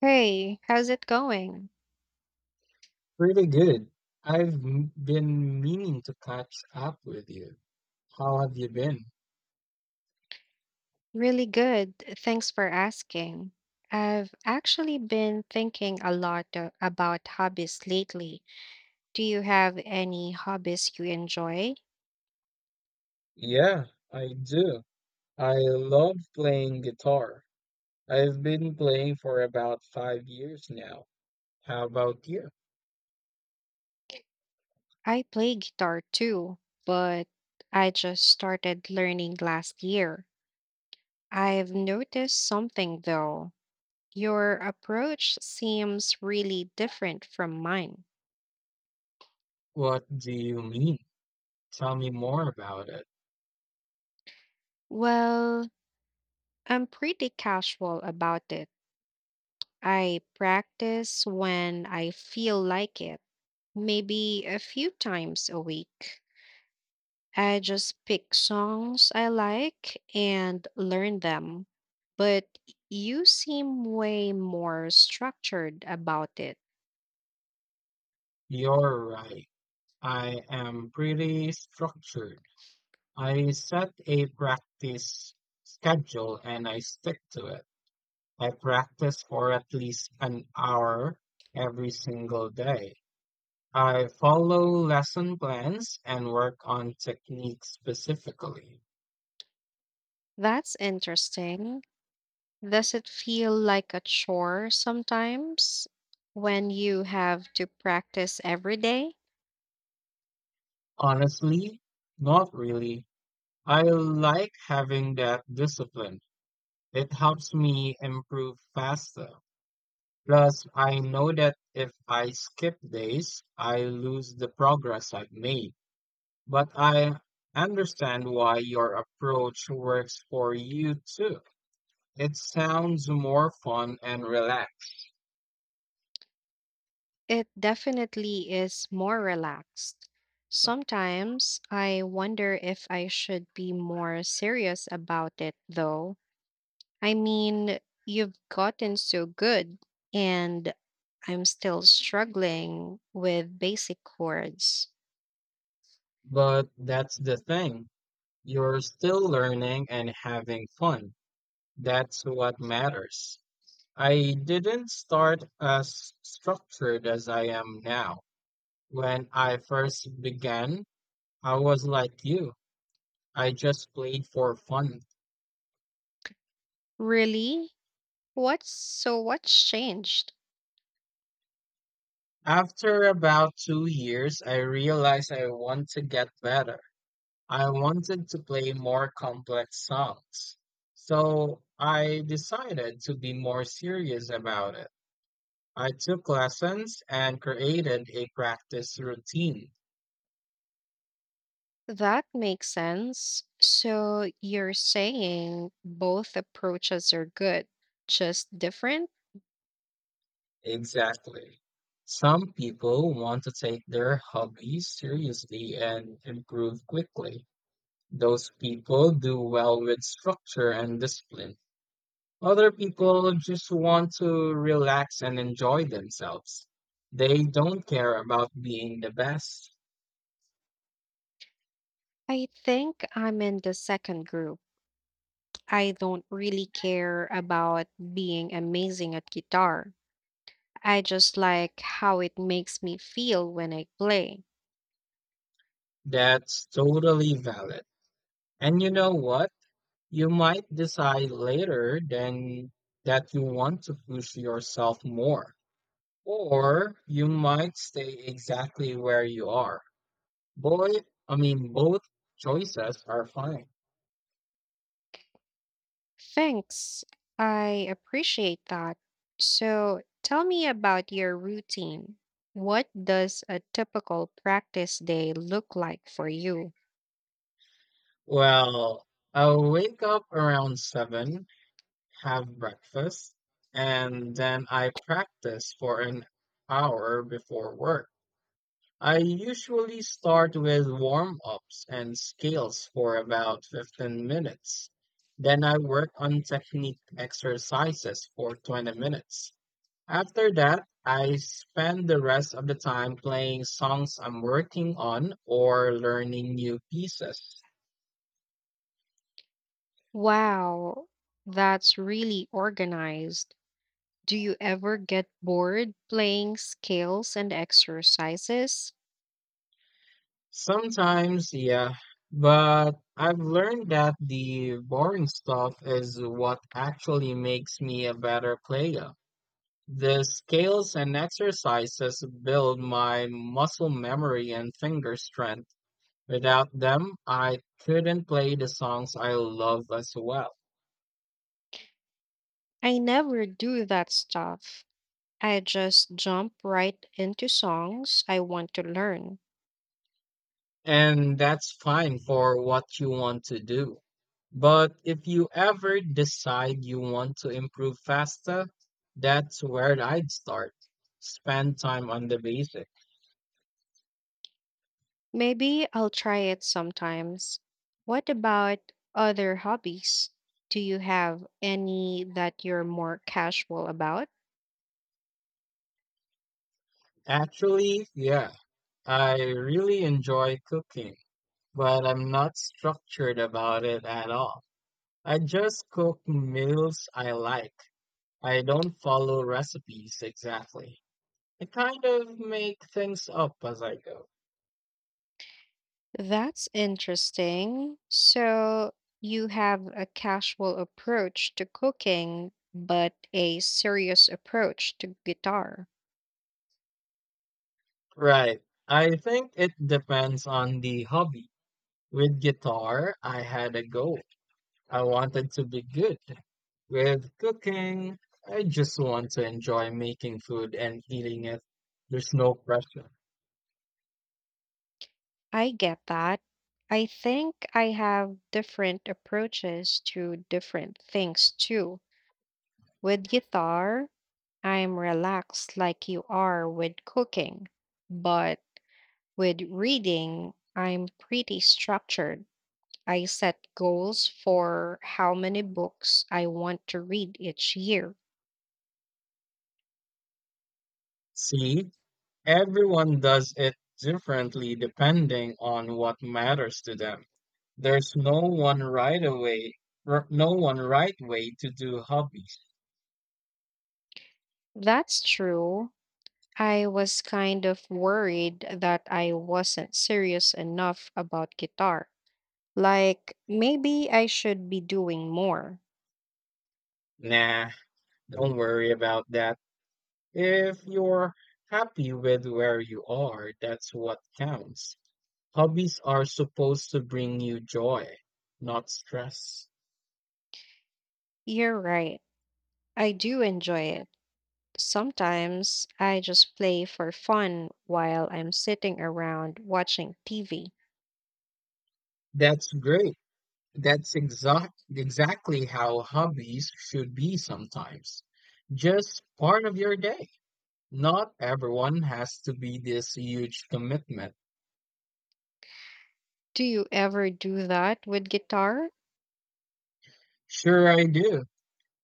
Hey, how's it going? Really good. Been meaning to catch up with you. How have you been? Really good. Thanks for asking. I've actually been thinking a lot about hobbies lately. Do you have any hobbies you enjoy? Yeah, I do. I love playing guitar. I've been playing for about 5 years now. How about you? I play guitar too, but I just started learning last year. I've noticed something though. Your approach seems really different from mine. What do you mean? Tell me more about it. Well, I'm pretty casual about it. I practice when I feel like it, maybe a few times a week. I just pick songs I like and learn them. But you seem way more structured about it. You're right. I am pretty structured. I set a practice schedule and I stick to it. I practice for at least an hour every single day. I follow lesson plans and work on techniques specifically. That's interesting. Does it feel like a chore sometimes when you have to practice every day? Honestly, not really. I like having that discipline. It helps me improve faster. Plus, I know that if I skip days, I lose the progress I've made. But I understand why your approach works for you too. It sounds more fun and relaxed, It definitely is more relaxed. Sometimes I wonder if I should be more serious about it, though. I mean, you've gotten so good, and I'm still struggling with basic chords. but that's the thing. You're still learning and having fun. That's what matters. I didn't start as structured as I am now. When I first began, I was like you. I just played for fun. Really? What's changed? After about 2 years, I realized I want to get better. I wanted to play more complex songs. So I decided to be more serious about it. I took lessons and created a practice routine. That makes sense. So you're saying both approaches are good, just different? Exactly. Some people want to take their hobbies seriously and improve quickly. Those people do well with structure and discipline. Other people just want to relax and enjoy themselves. They don't care about being the best. I think I'm in the second group. I don't really care about being amazing at guitar. I just like how it makes me feel when I play. That's totally valid. And you know what? You might decide later than that you want to push yourself more. Or you might stay exactly where you are. Boy, I mean, both choices are fine. Thanks. I appreciate that. So tell me about your routine. What does a typical practice day look like for you? Well, I'll wake up around 7, have breakfast, and then I practice for an hour before work. I usually start with warm ups and scales for about 15 minutes. Then I work on technique exercises for 20 minutes. After that, I spend the rest of the time playing songs I'm working on or learning new pieces. Wow, that's really organized. Do you ever get bored playing scales and exercises? Sometimes, yeah, but I've learned that the boring stuff is what actually makes me a better player. The scales and exercises build my muscle memory and finger strength. Without them, I couldn't play the songs I love as well. I never do that stuff. I just jump right into songs I want to learn. And that's fine for what you want to do. But if you ever decide you want to improve faster, that's where I'd start. Spend time on the basics. Maybe I'll try it sometimes. What about other hobbies? Do you have any that you're more casual about? Actually, yeah, I really enjoy cooking, but I'm not structured about it at all. I just cook meals I like. I don't follow recipes exactly. I kind of make things up as I go. That's interesting. So you have a casual approach to cooking, but a serious approach to guitar. Right. I think it depends on the hobby. With guitar, I had a goal. I wanted to be good. With cooking, I just want to enjoy making food and eating it. There's no pressure. I get that. I think I have different approaches to different things too. With guitar, I'm relaxed like you are with cooking, but with reading, I'm pretty structured. I set goals for how many books I want to read each year. See, everyone does it differently depending on what matters to them. There's no one right away, no one right way to do hobbies. That's true. I was kind of worried that I wasn't serious enough about guitar. Like, maybe I should be doing more. Nah, don't worry about that. If you're happy with where you are, that's what counts. Hobbies are supposed to bring you joy, not stress. You're right. I do enjoy it. Sometimes I just play for fun while I'm sitting around watching TV. That's great. That's exactly how hobbies should be sometimes. Just part of your day. Not everyone has to be this huge commitment. Do you ever do that with guitar? Sure, I do.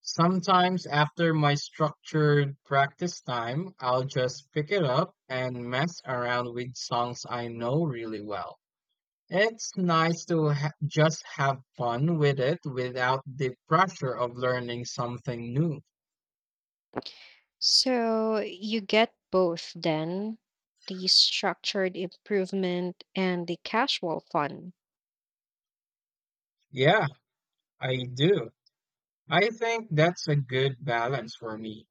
Sometimes after my structured practice time, I'll just pick it up and mess around with songs I know really well. It's nice to just have fun with it without the pressure of learning something new. So you get both then, the structured improvement and the casual fun. Yeah, I do. I think that's a good balance for me.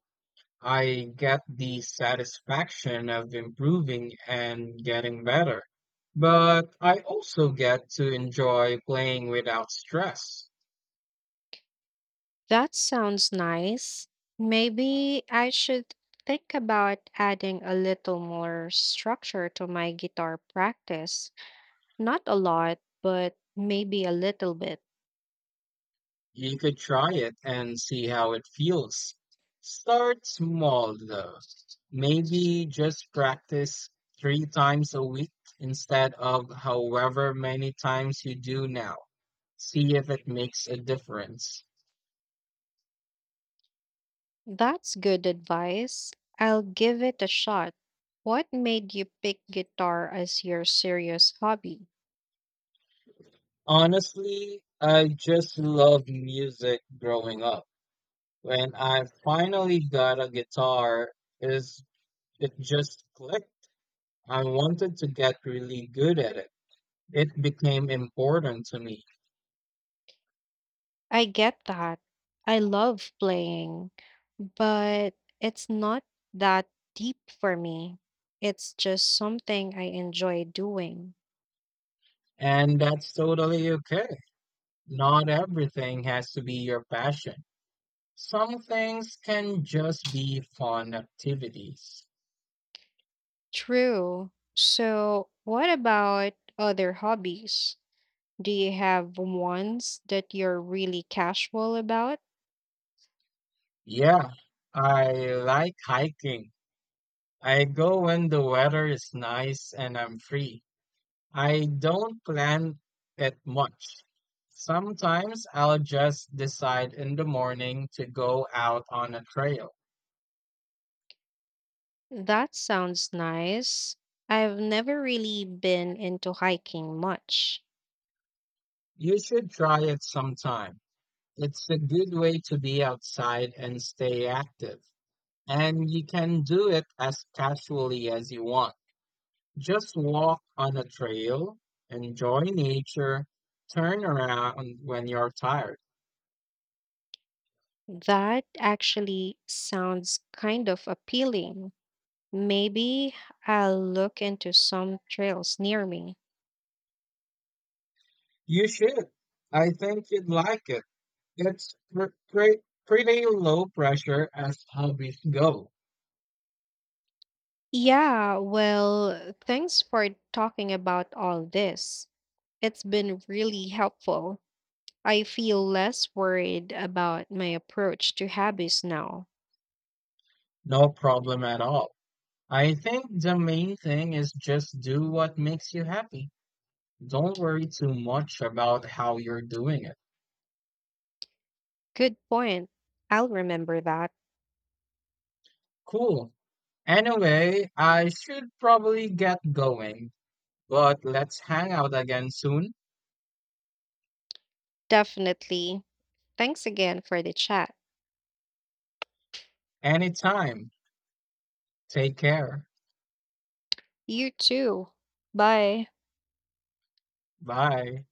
I get the satisfaction of improving and getting better, but I also get to enjoy playing without stress. That sounds nice. Maybe I should think about adding a little more structure to my guitar practice. Not a lot, but maybe a little bit. You could try it and see how it feels. Start small though. Maybe just practice 3 times a week instead of however many times you do now. See if it makes a difference. That's good advice. I'll give it a shot. What made you pick guitar as your serious hobby? Honestly, I just love music growing up. When I finally got a guitar, is it just clicked. I wanted to get really good at it. It became important to me, I get that. I love playing, but it's not that deep for me. It's just something I enjoy doing. and that's totally okay. Not everything has to be your passion. Some things can just be fun activities. True. So, what about other hobbies? Do you have ones that you're really casual about? Yeah, I like hiking. I go when the weather is nice and I'm free. I don't plan it much. Sometimes I'll just decide in the morning to go out on a trail. That sounds nice. I've never really been into hiking much. You should try it sometime. It's a good way to be outside and stay active. And you can do it as casually as you want. Just walk on a trail, enjoy nature, turn around when you're tired. That actually sounds kind of appealing. Maybe I'll look into some trails near me. You should. I think you'd like it. It's pretty low pressure as hobbies go. Yeah, well, thanks for talking about all this. It's been really helpful. I feel less worried about my approach to hobbies now. No problem at all. I think the main thing is just do what makes you happy. Don't worry too much about how you're doing it. Good point. I'll remember that. Cool. Anyway, I should probably get going, but let's hang out again soon. Definitely. Thanks again for the chat. Anytime. Take care. You too. Bye. Bye.